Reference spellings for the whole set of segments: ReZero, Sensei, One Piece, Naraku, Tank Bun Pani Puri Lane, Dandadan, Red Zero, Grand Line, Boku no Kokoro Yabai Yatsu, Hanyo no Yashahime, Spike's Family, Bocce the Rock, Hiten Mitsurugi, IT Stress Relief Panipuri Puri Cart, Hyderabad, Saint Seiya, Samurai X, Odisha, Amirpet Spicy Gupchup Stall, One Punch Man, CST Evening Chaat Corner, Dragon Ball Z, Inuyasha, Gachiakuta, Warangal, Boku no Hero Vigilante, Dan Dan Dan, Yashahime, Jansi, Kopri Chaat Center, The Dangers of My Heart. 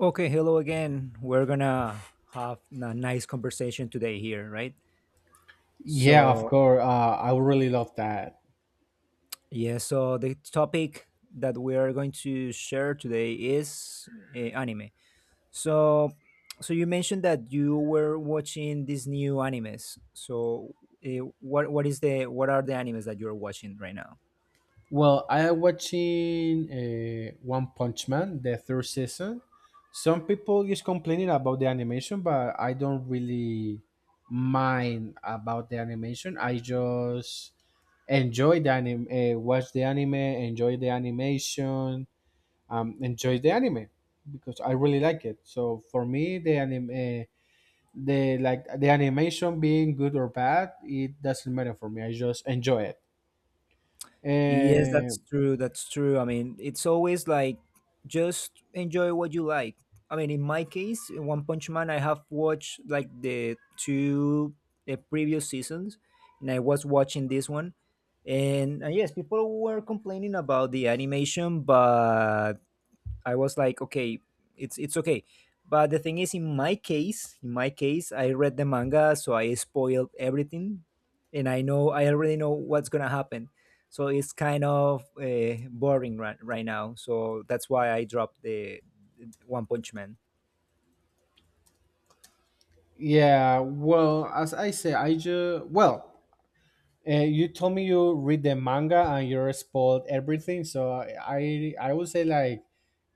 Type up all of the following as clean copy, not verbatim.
Okay, hello again. We're gonna have a nice conversation today here, right? Yeah, of So, course. I would really love that. yeah, so the topic that we are going to share today is anime. So, so you mentioned that you were watching these new animes. So, what are the animes that you're watching right now? Well, I am watching One Punch Man, the third season. Some people is complaining about the animation, but I don't really mind about the animation. I just enjoy the anime, watch the anime, enjoy the animation, enjoy the anime because I really like it. So for me, the anime. The like the animation being good or bad, it doesn't matter for me, I just enjoy it Yes, and that's true. That's true. I mean, it's always like just enjoy what you like. I mean, in my case, in One Punch Man, I have watched like the previous seasons, and I was watching this one. And yes, people were complaining about the animation, but I was like, okay, it's okay. But the thing is, in my case, I read the manga, so I spoiled everything, and I already know what's gonna happen. So it's kind of boring right now. So that's why I dropped the One Punch Man. yeah, well, as I say, I just you told me you read the manga and you spoiled everything, so I would say like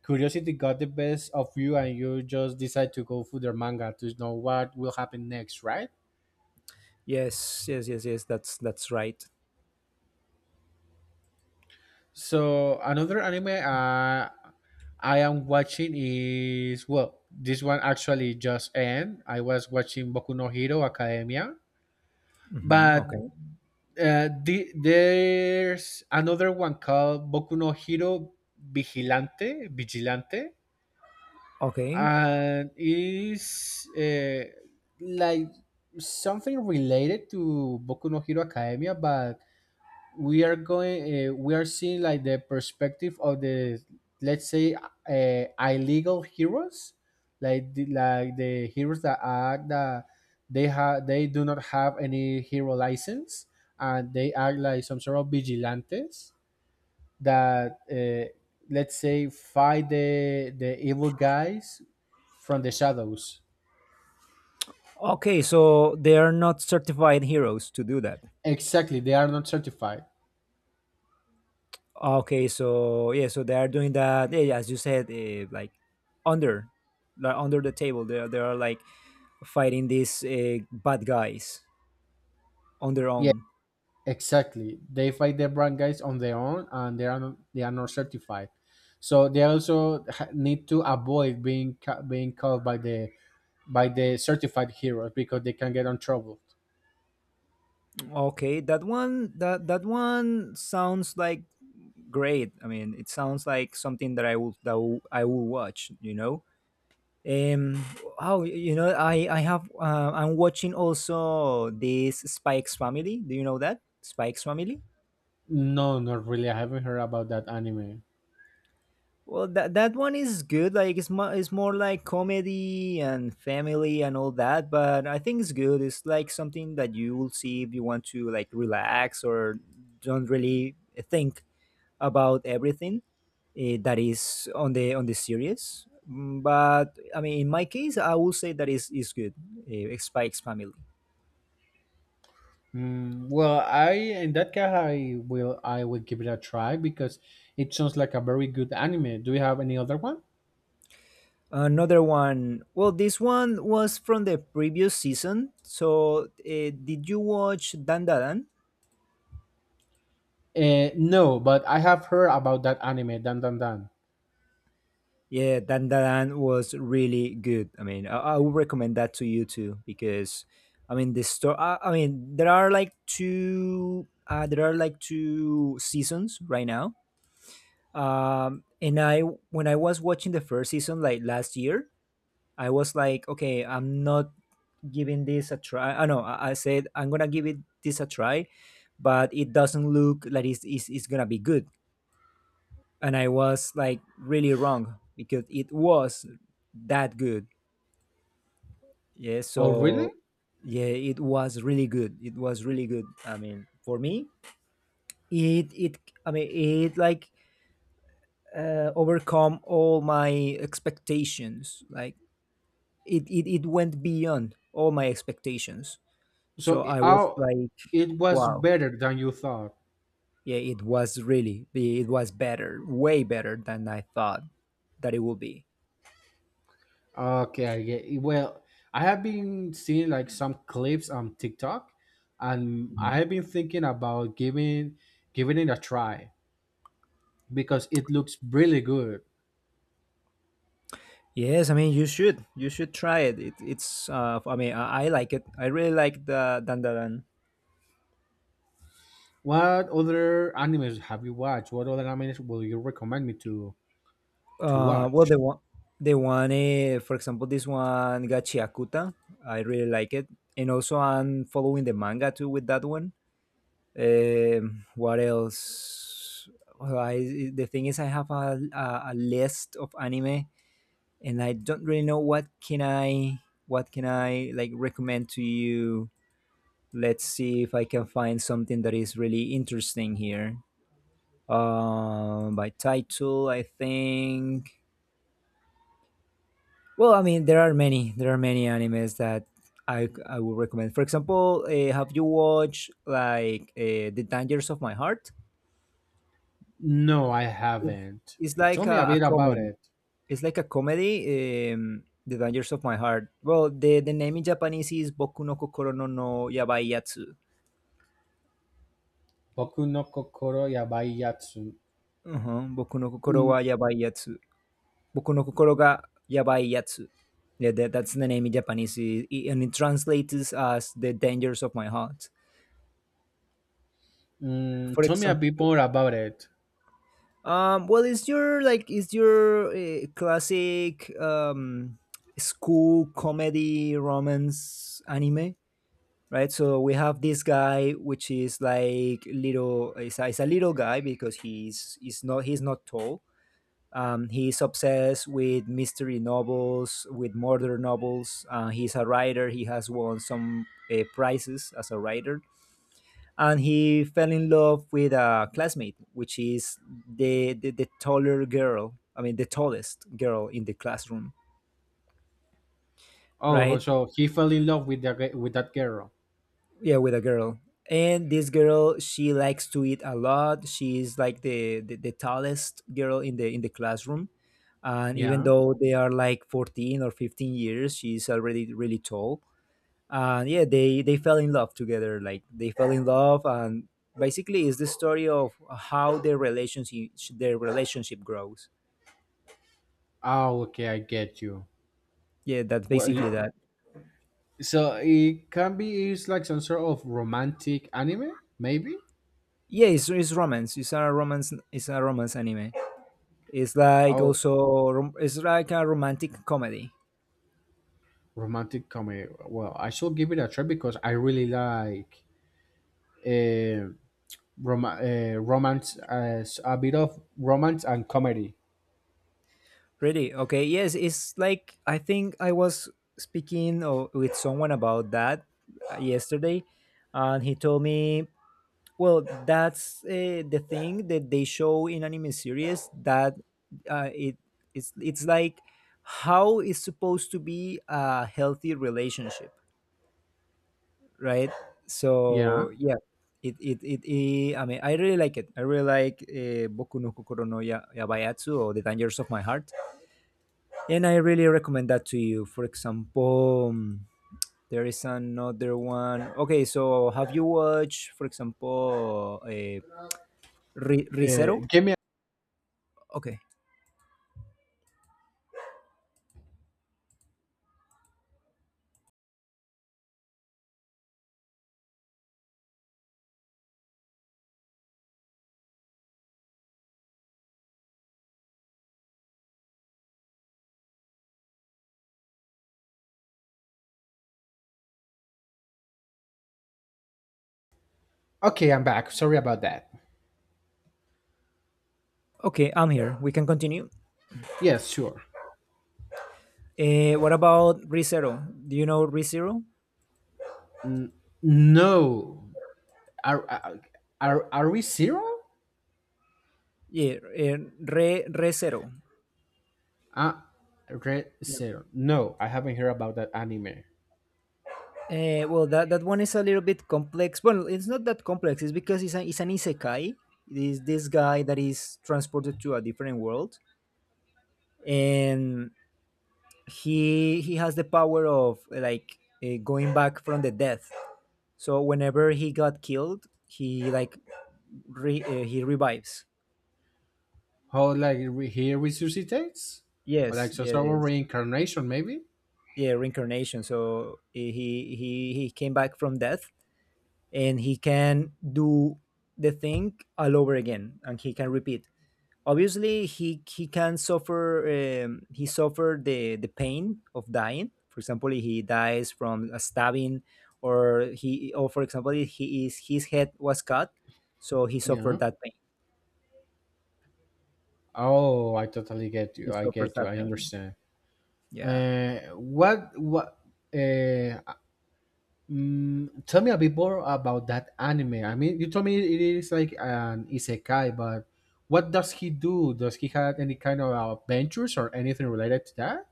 curiosity got the best of you and you just decide to go through the manga to know what will happen next, right? Yes, yes, yes, yes. That's right. So another anime, I am watching is, well, this one actually just end. I was watching Boku no Hero Academia, Hmm, but okay, there's another one called Boku no Hero Vigilante, okay, and is like something related to Boku no Hero Academia, but we are going we are seeing like the perspective of the, let's say, illegal heroes, like the heroes that act that they do not have any hero license, and they act like some sort of vigilantes that, let's say, fight the evil guys from the shadows. okay. So they are not certified heroes to do that. Exactly, they are not certified. Okay, so yeah, so they are doing that. Yeah, yeah, as you said, like under, like under the table, they are like fighting these bad guys on their Yeah. own. Exactly. They fight the brand guys on their own, and they are not certified. So they also need to avoid being being called by the certified heroes because they can get in trouble. Okay, that one sounds like great. I mean, it sounds like something that I will watch. Um, I'm watching also this Spike's Family. Do you know that Spike's Family? No, not really. I haven't heard about that anime. Well, that one is good. Like it's more like comedy and family and all that. But I think it's good. It's like something that you will see if you want to like relax or don't really think about everything that is on the series. But I mean, in my case, I will say that is good. Spike's Family. Mm, well, I in that case, I will give it a try because it sounds like a very good anime. Do you have any other one? Another one. Well, this one was from the previous season. So, did you watch Dan Dadan? No, but I have heard about that anime, Dan Dan Dan. Yeah, Dandadan was really good. I mean, I would recommend that to you too because, I mean, the story. I mean, there are like two. There are like two seasons right now. And I when I was watching the first season like last year, I was like, okay, I'm not giving this a try. I know I said I'm gonna give it this a try, but it doesn't look like it's gonna be good. And I was like really wrong because it was that good. Yeah, Oh, really? so yeah, it was really good. It was really good. I mean, for me, it I mean, it like overcome all my expectations. Like it went beyond all my expectations. So So I was oh, like, it was wow. better than you thought. Yeah, it was better, way better than I thought that it would be. Okay, I get it. Well, I have been seeing like some clips on TikTok, and I Mhm. have been thinking about giving it a try because it looks really good. Yes, I mean you should try it. It's I mean I like it. I really like the Dandadan. What other animes have you watched? What other animes will you recommend me to Uh, well, the watch? one, the one, for example, this one Gachiakuta, I really like it, and also I'm following the manga too with that one. What else? Well, the thing is, I have a list of anime, and I don't really know what can I like recommend to you. Let's see if I can find something that is really interesting here. By title, I think. Well, I mean, there are many. There are many animes that I would recommend. For example, have you watched like The Dangers of My Heart? No, I It's, haven't. it's Tell like me a a, bit a about comedy. it. It's like a comedy. The Dangers of My Heart. Well, the name in Japanese is Boku no Kokoro no Yabai Yatsu. Boku no Kokoro Yabai Yatsu. Uh-huh. Boku no Kokoro Mm, wa Yabai Yatsu. Boku no Kokoro ga Yabai Yatsu. Yeah, that's the name in Japanese, and it translates as The Dangers of My Heart. For tell me a bit example, more about it. Well, is your classic school comedy romance anime, right? So we have this guy which is like little. It's a little guy because he's not tall. He's obsessed with mystery novels, with murder novels. He's a writer. He has won some prizes as a writer, and he fell in love with a classmate, which is the taller girl. I mean, the tallest girl in the classroom, Oh, right? so he fell in love with that girl. Yeah, with a girl. And this girl, she likes to eat a lot. She's like the tallest girl in the classroom. And even Yeah. though they are like 14 or 15 years, she's already really tall. And yeah, they fell in love together, like they fell in love, and basically it's the story of how their relationship grows. Oh, okay, I get you. Yeah, that's Well, y- basically that. so it can be, it's like some sort of romantic anime, maybe. Yeah, it's a romance anime. It's like Oh, also rom- it's like a romantic comedy. romantic comedy. Well, I should give it a try because I really like uh, romance, as a bit of romance and comedy. Really, okay, yes, it's like I think I was speaking with someone about that yesterday, and he told me. Well, that's the thing that they show in anime series that uh, it it's like how is supposed to be a healthy relationship, right? Yeah. So yeah, it I mean I really like it. I really like Boku no Kokoro no Yabayatsu or The Dangers of My Heart, and I really recommend that to you. For example, there is another one. Okay, so have you watched, for example, Rizero? Give me. Okay. Okay, I'm back. Sorry about that. Okay, I'm here. We can continue. Yes, sure. What about ReZero? Do you know ReZero? No. Are are are we zero? Yeah, Re ReZero. Ah, Red Zero. No, I haven't heard about that anime. Well, that one is a little bit complex. Well, it's not that complex. It's because it's an isekai. It is this guy that is transported to a different world, and he has the power of like going back from the death. So whenever he got killed, he like he revives. How, he resuscitates? Like Yes, some yes, sort of yes. reincarnation, maybe? Yeah, reincarnation, so he came back from death, and he can do the thing all over again, and he can repeat. Obviously, he can suffer. He suffered the pain of dying. For example, he dies from a stabbing, or for example he is his head was cut, so he Yeah. suffered that pain. Oh, I totally get He you. I suffers get you. that I pain. understand. Yeah. Uh, what what? Uh, tell me a bit more about that anime. I mean, you told me it is like an isekai, but what does he do? Does he have any kind of adventures or anything related to that?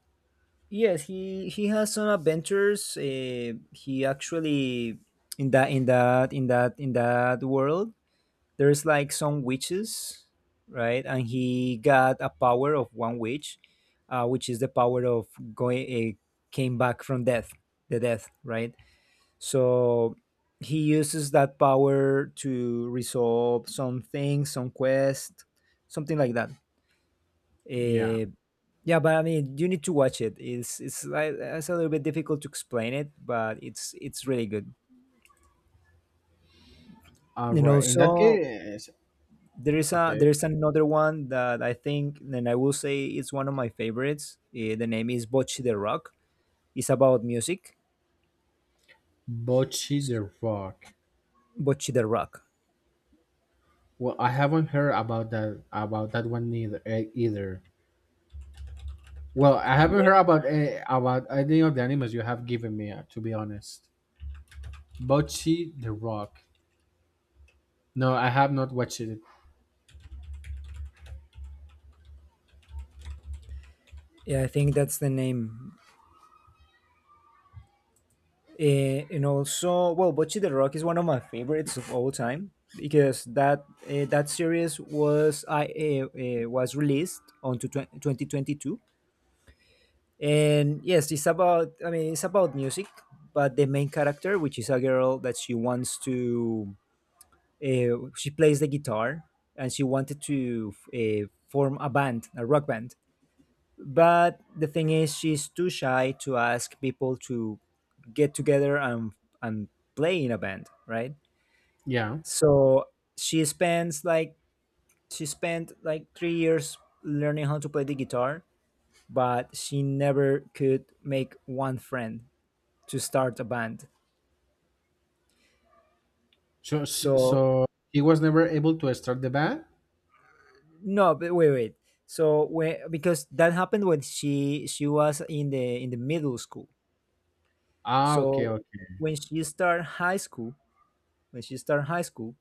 Yes, he has some adventures. He actually, in that world, there's like some witches, right? And he got a power of one witch, which is the power of going came back from death, the death, right? So he uses that power to resolve some things, some quest, something like that. Yeah. Uh, yeah, but I mean, you need to watch it. It's like it's a little bit difficult to explain it, but it's really good. All And right. In that also, case, okay. there is another one that I think, and I will say it's one of my favorites. The name is Bocce the Rock. It's about music. Bocce the Rock. Bocce the Rock. Well, I haven't heard about that one either. Either. Well, I haven't Yeah, heard about about any of the animals you have given me. To be honest, Bocce the Rock. No, I have not watched it. yeah, I think that's the name. And also, well, Bocce the Rock is one of my favorites of all time because that series was released on to 2022, and yes, it's about I mean it's about music. But the main character, which is a girl that she wants to she plays the guitar, and she wanted to form a rock band. But the thing is, she's too shy to ask people to get together and play in a band, right? Yeah. So she spends like she spent like 3 years learning how to play the guitar, but she never could make one friend to start a band. So So he was never able to start the band. no, but wait, wait. So when because that happened when she was in the middle school. Ah, okay, So okay. when she started high school, when she started high school,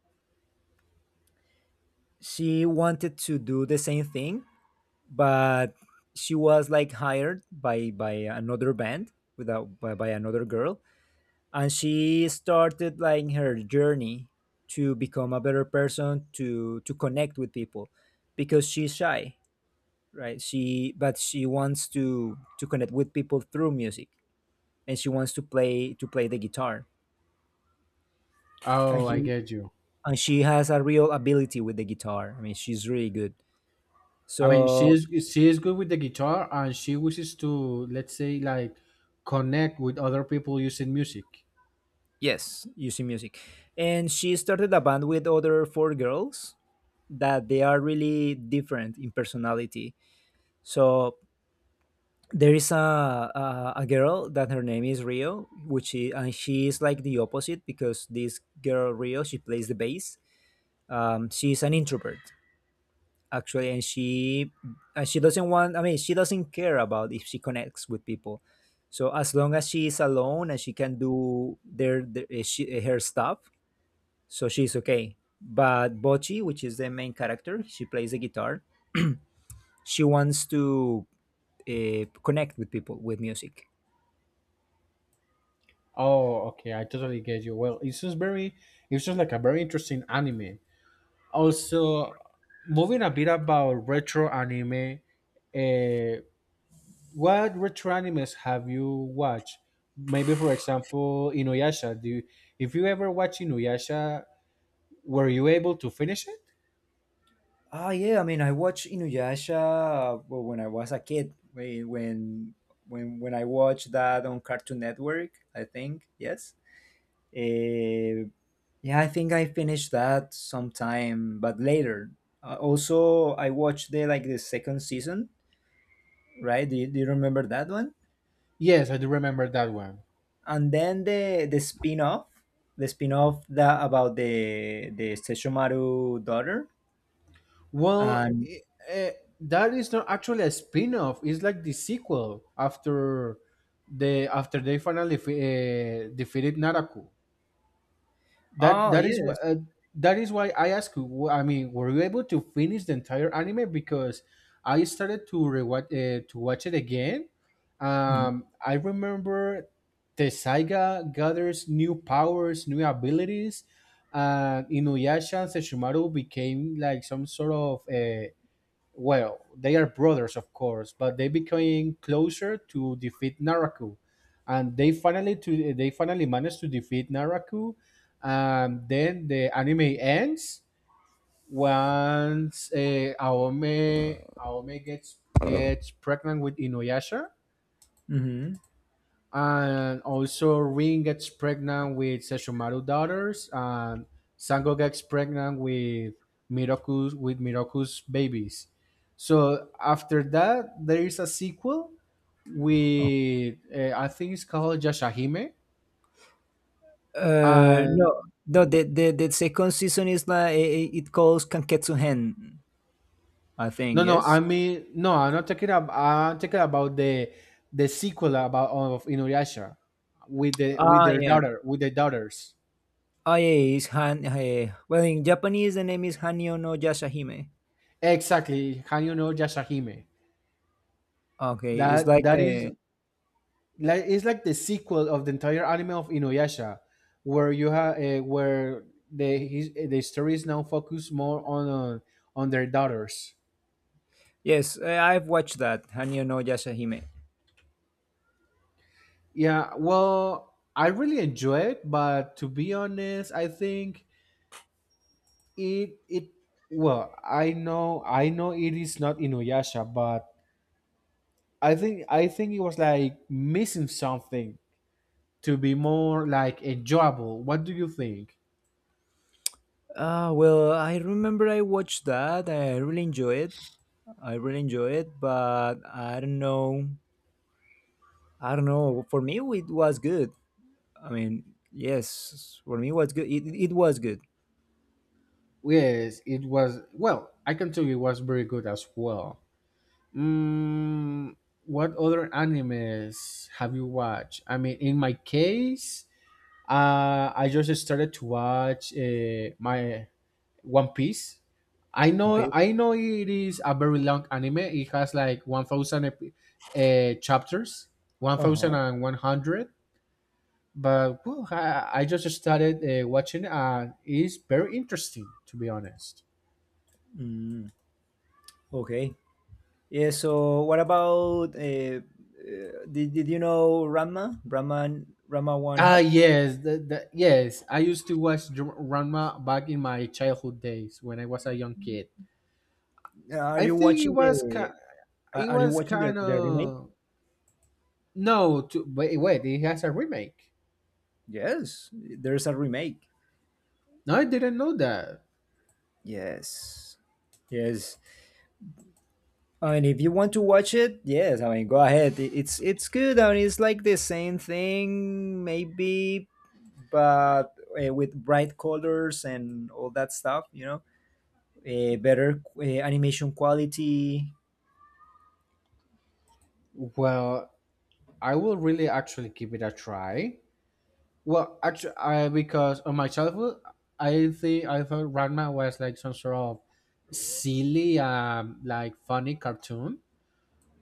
she wanted to do the same thing, but she was like hired by another band without by, another girl, and she started like her journey to become a better person to connect with people because she's shy, right? she But she wants to connect with people through music, and she wants to play the guitar. and Oh, I he get you. and she has a real ability with the guitar. I mean, she's really good, I mean, so she is good with the guitar, and she wishes to, let's say, like connect with other people using music. yes, using music. And she started a band with other four girls that they are really different in personality. So there is a girl that her name is Rio, which is and she is like the opposite because this girl Rio, she plays the bass. She's an introvert, actually, and she doesn't want, I mean, she doesn't care about if she connects with people, so as long as she is alone and she can do their eh, she, eh, her stuff. So she's okay. But Bochi, which is the main character, she plays the guitar. She wants to connect with people with music. Oh, okay, I totally get you. It's just like a very interesting anime. Also, moving a bit about retro anime, uh, what retro animes have you watched? Maybe, for example, Inuyasha. If you ever watch Inuyasha, were you able to finish it? Ah, yeah, I mean, I watched Inuyasha well, when I was a kid, when I watched that on Cartoon Network, I think. Yes. Uh, yeah, I think I finished that sometime, but later. Also, I watched the like the second season, right? Do you remember that one? Yes, I do remember that one. And then the spin-off, the spin-off that about the Sesshomaru daughter. Well, And i- eh, that is not actually a spin-off. It's like the sequel after they finally defeated Naraku. That oh that is wh- yes, uh, that is why I ask you. I mean, were you able to finish the entire anime? Because I started to rewatch to watch it again. mm-hmm. I remember the Saiga gathers new powers, new abilities. And Inuyasha and Sesshomaru became like some sort of, well, they are brothers, of course, but they became closer to defeat Naraku, and they finally managed to defeat Naraku. And then the anime ends once Aome gets pregnant with Inuyasha, and also Rin gets pregnant with Sesshomaru's daughters, and Sango gets pregnant with Miroku's babies. So after that, there is a sequel with, I think it's called Yashahime. And No, no. The, the second season is like it calls Kanketsu Hen, I think. Yes. No, I'm not talking about I'm talking about the sequel about of Inuyasha with the with Ah, their yeah. daughter with the daughters. Oh yeah, it's Han. Eh, well, in Japanese, the name is Hanyo no Yashahime. Exactly, how you know Yashahime? Okay, it's That like that is the like, it's like the sequel of the entire anime of Inuyasha, where you have where the his, the story is now focused more on their daughters. yes. Eh, I've watched that Hanyo no Yashahime. Yeah, well, I really enjoy it, but to be honest, I think it it well, I know, I know it is not Inuyasha, but I think it was like missing something to be more like enjoyable. What do you think? Ah, well, I remember I watched that. I really enjoy it. I really enjoy it, but I don't know. I don't know. For me, it was good. I mean, yes, for me, it was good. It was good. Yes, it was. Well, I can tell you it was very good as well. Mm, what other animes have you watched? I mean, in my case, I just started to watch my One Piece. Okay. I know, it is a very long anime. It has like 1,000 chapters, one Uh thousand huh. and one hundred. But whew, I just started watching, and it's very interesting, to be honest. Mm, okay. Yeah. So, what about? Did you know Rama? Rama One Ah, Half. yes, yes. I used to watch Ranma back in my childhood days when I was a young kid. Are I you think it watching was the? ki- Are it you was watching the kind remake? of no. To, wait, wait, it has a remake. Yes, there's a remake. No, I didn't know that. Yes, yes. I mean, if you want to watch it, yes. I mean, go ahead. It- It's good. I mean, it's like the same thing, maybe, but with bright colors and all that stuff. You know, better animation quality. Well, I will really actually give it a try. Well, actually, because of my childhood, I think I thought Ranma was like some sort of silly, like funny cartoon.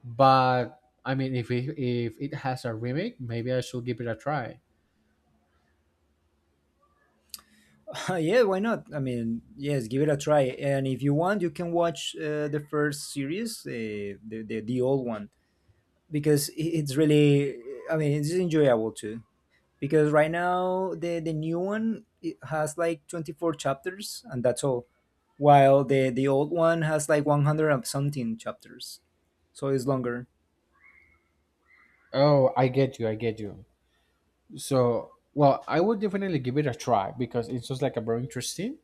But I mean, if it has a remake, maybe I should give it a try. Yeah, why not? I mean, yes, give it a try. And if you want, you can watch the first series, the, the old one, because it's really, I mean, it's enjoyable too. Because right now the new one it has like 24 chapters, and that's all, while the old one has like 100 and something chapters, so it's longer. Oh, I get you. I get you. So, well, I would definitely give it a try because it's just like a very interesting,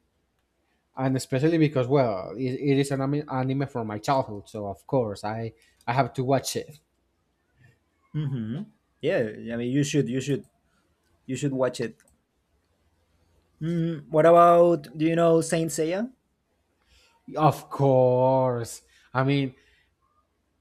and especially because, well, it is an anime from my childhood, so of course I have to watch it. Hmm. Yeah, I mean, you should watch it. Mm, what about, do you know Saint Seiya? Of course. I mean,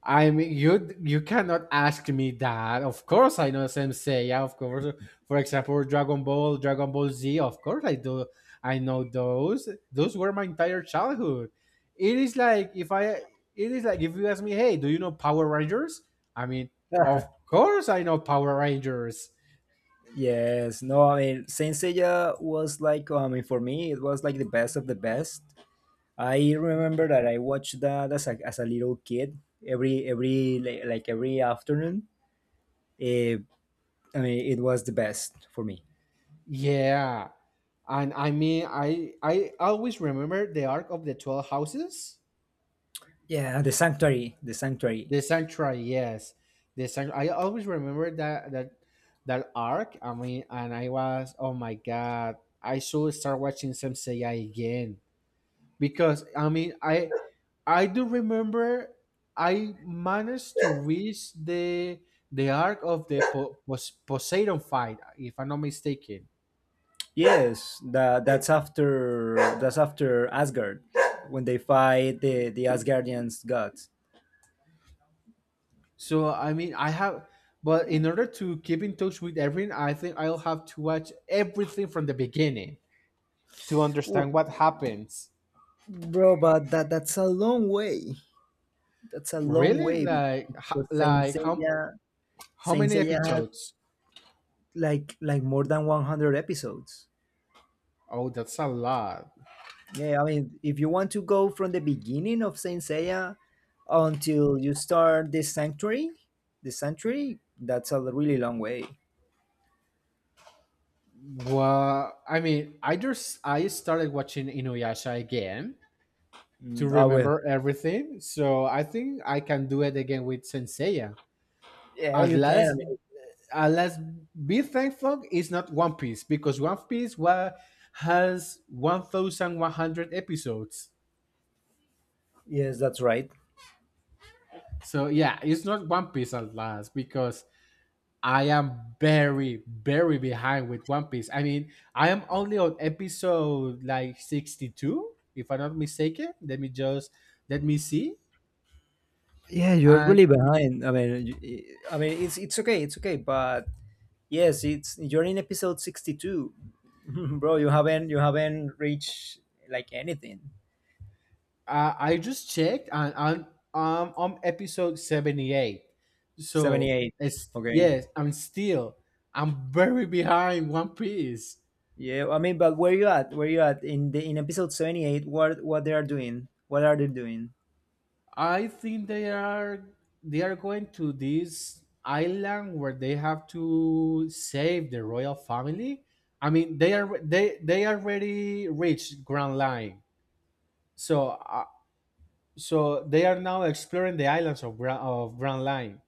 I mean, you cannot ask me that. Of course, I know Sensei. Yeah, of course, for example, Dragon Ball, Dragon Ball Z. Of course, I do. I know those. Those were my entire childhood. It is like if I. It is like if you ask me, hey, do you know Power Rangers? I mean, of course, I know Power Rangers. Yes, no, I mean, Saint Seiya was like, I mean, for me, it was like the best of the best. I remember that I watched that as a little kid every like every afternoon. Eh, I mean, it was the best for me. Yeah, and I mean, I always remember the arc of the 12 houses. Yeah, the sanctuary, the sanctuary. The sanctuary, yes. The sanctuary. I always remember that arc. I mean, and I was, oh my god, I should start watching Sensei again because I mean, I do remember I managed to reach the arc of the Poseidon fight, if I'm not mistaken. Yes, that that's after Asgard, when they fight the Asgardians gods. So I mean, but in order to keep in touch with everything, I think I'll have to watch everything from the beginning to Ooh, understand what happens. bro, but that that's a long way. That's a long Really? way Like, because how Saint many Seiya has episodes? like more than 100 episodes. Oh, that's a lot. Yeah, I mean, if you want to go from the beginning of Saint Seiya until you start the Sanctuary, that's a really long way. Well, I mean, I started watching Inuyasha again to Mm, I will. remember everything, so I think I can do it again with Senseiya. Yeah, At you can. I last, mean, at last, be thankful is not One Piece because has 1,100 episodes. yes, that's right. So yeah, it's not One Piece at last because I am very, very behind with One Piece. I mean, I am only on episode like 62, if I'm not mistaken. Let me just let me see. Yeah, you're And really behind. I mean, I mean, it's okay, it's okay, but yes, it's you're in episode 62, bro. You haven't reached like anything. I just checked and I'm on episode 78. So 78. it's Okay. yes, I'm still I'm very behind One Piece. Yeah, I mean, but where you at? Where you at in the in episode 78? What they are doing? What are they doing? I think they are going to this island where they have to save the royal family. I mean, they already reached Grand Line, so they are now exploring the islands of Grand Line.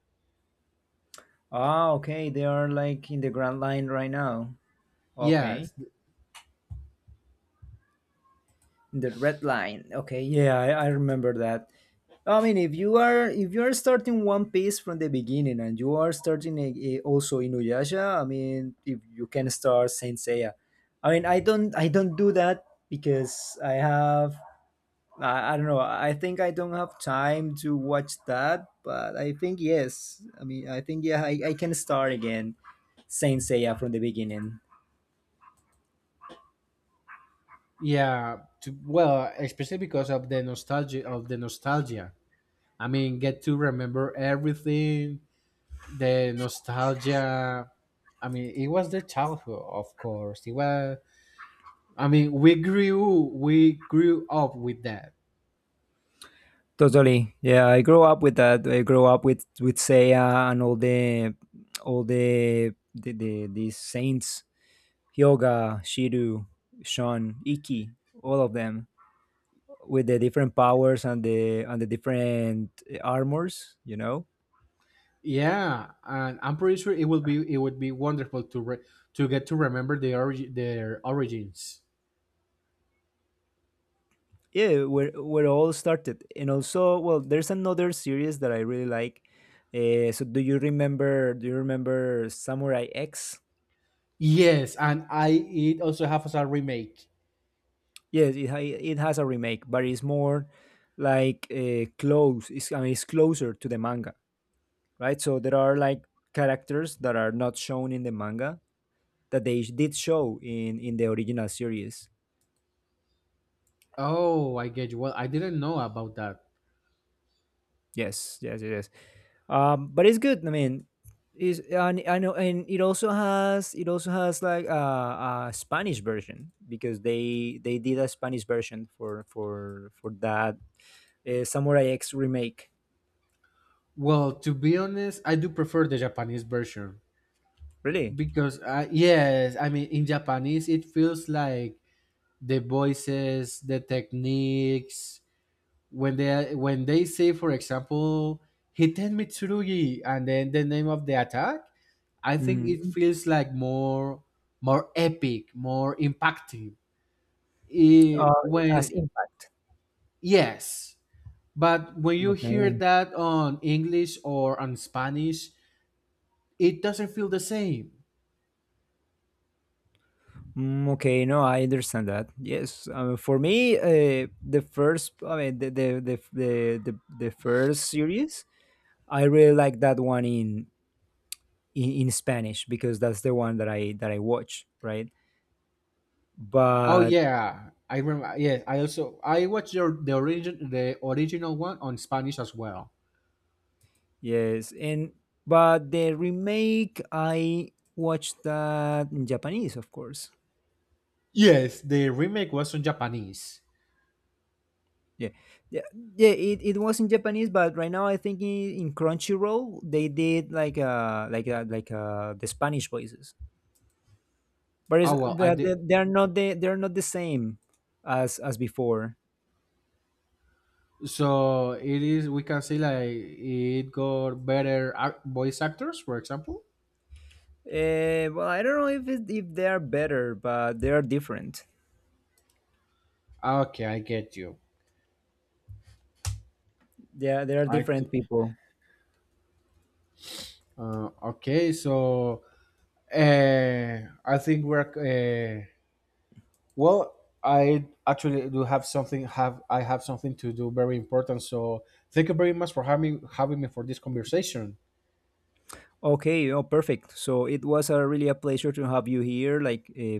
Ah, okay, they are like in the Grand Line right now. Okay, Yes, in the Red Line. Okay, yeah, I remember that. I mean, if you are, if you are starting One Piece from the beginning and you are starting a, also Inuyasha, I mean, if you can start Saint Seiya, I mean, I don't do that because I have I don't know. I think I don't have time to watch that, but I think yes. I mean, I think yeah, I can start again Saint Seiya from the beginning. yeah. Well, especially because of the nostalgia. I mean, get to remember everything the nostalgia. I mean, it was the childhood, of course it was. I mean, we grew up with that. Totally. Yeah, I grew up with that. I grew up with Seiya and all the the these saints, Hyoga, Shiru, Shon, Iki, all of them with the different powers and the different armors, you know. Yeah, and I'm pretty sure it would be, wonderful to to get to remember their origins. Yeah, where all started. And also, well, there's another series that I really like. So do you remember, do you remember Samurai X? Yes, and I, it also has a remake. Yes, it has a remake, but it's more like close it's, I mean it's closer to the manga, right? So there are like characters that are not shown in the manga that they did show in the original series. Oh, I get you. Well, I didn't know about that. Yes, yes, yes, yes. But it's good. I mean, is, and I know, and it also has, like a Spanish version because they did a Spanish version for that Samurai X remake. Well, to be honest, I do prefer the Japanese version Really? because, yes, I mean in Japanese it feels like the voices, the techniques. When they say, for example, Hiten Mitsurugi, and then the name of the attack, I think it Mm. feels like more epic, more impacting. It, It has when impact. yes, but when you hear Okay. that on English or on Spanish, it doesn't feel the same. Mm, okay, no, I understand that. Yes, for me, the first, I mean, the first series, I really like that one in in Spanish because that's the one that I watch, right? Oh But yeah, I remember. Yes, I also I watched your, the original one on Spanish as well. yes, and but the remake I watched that in Japanese, of course. Yes, the remake was in Japanese. Yeah, yeah, yeah. It was in Japanese, but right now I think in Crunchyroll they did like uh, the Spanish voices, but Oh well, I but they did. Are not the they are not the same as before. So it is. We can say like it got better voice actors, for example. Well, I don't know if if they are better, but they are different. Okay, I get you. Yeah, they are I t- different people. uh, okay. So, uh, I think we're uh, well. I actually do have something. Have I have something to do very important. So thank you very much for having me for this conversation. Okay, oh, perfect. So it was a really a pleasure to have you here, like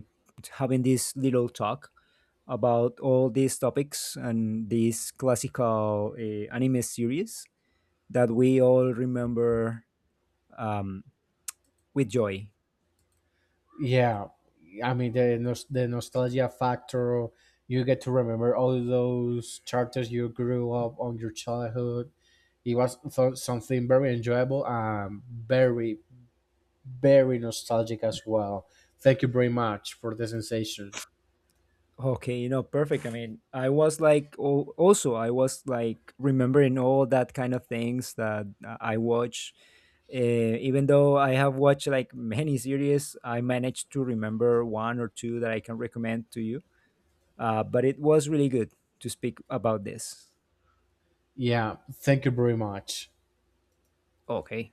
having this little talk about all these topics and this classical anime series that we all remember um, with joy. Yeah, I mean the the nostalgia factor. You get to remember all those characters you grew up on your childhood. It was something very enjoyable and very nostalgic as well. Thank you very much for the sensation. Okay, you know, perfect. I mean, I was like, oh, also, I was like remembering all that kind of things that I watch. Uh, Even though I have watched like many series, I managed to remember one or two that I can recommend to you. But it was really good to speak about this. Yeah, thank you very much. Okay.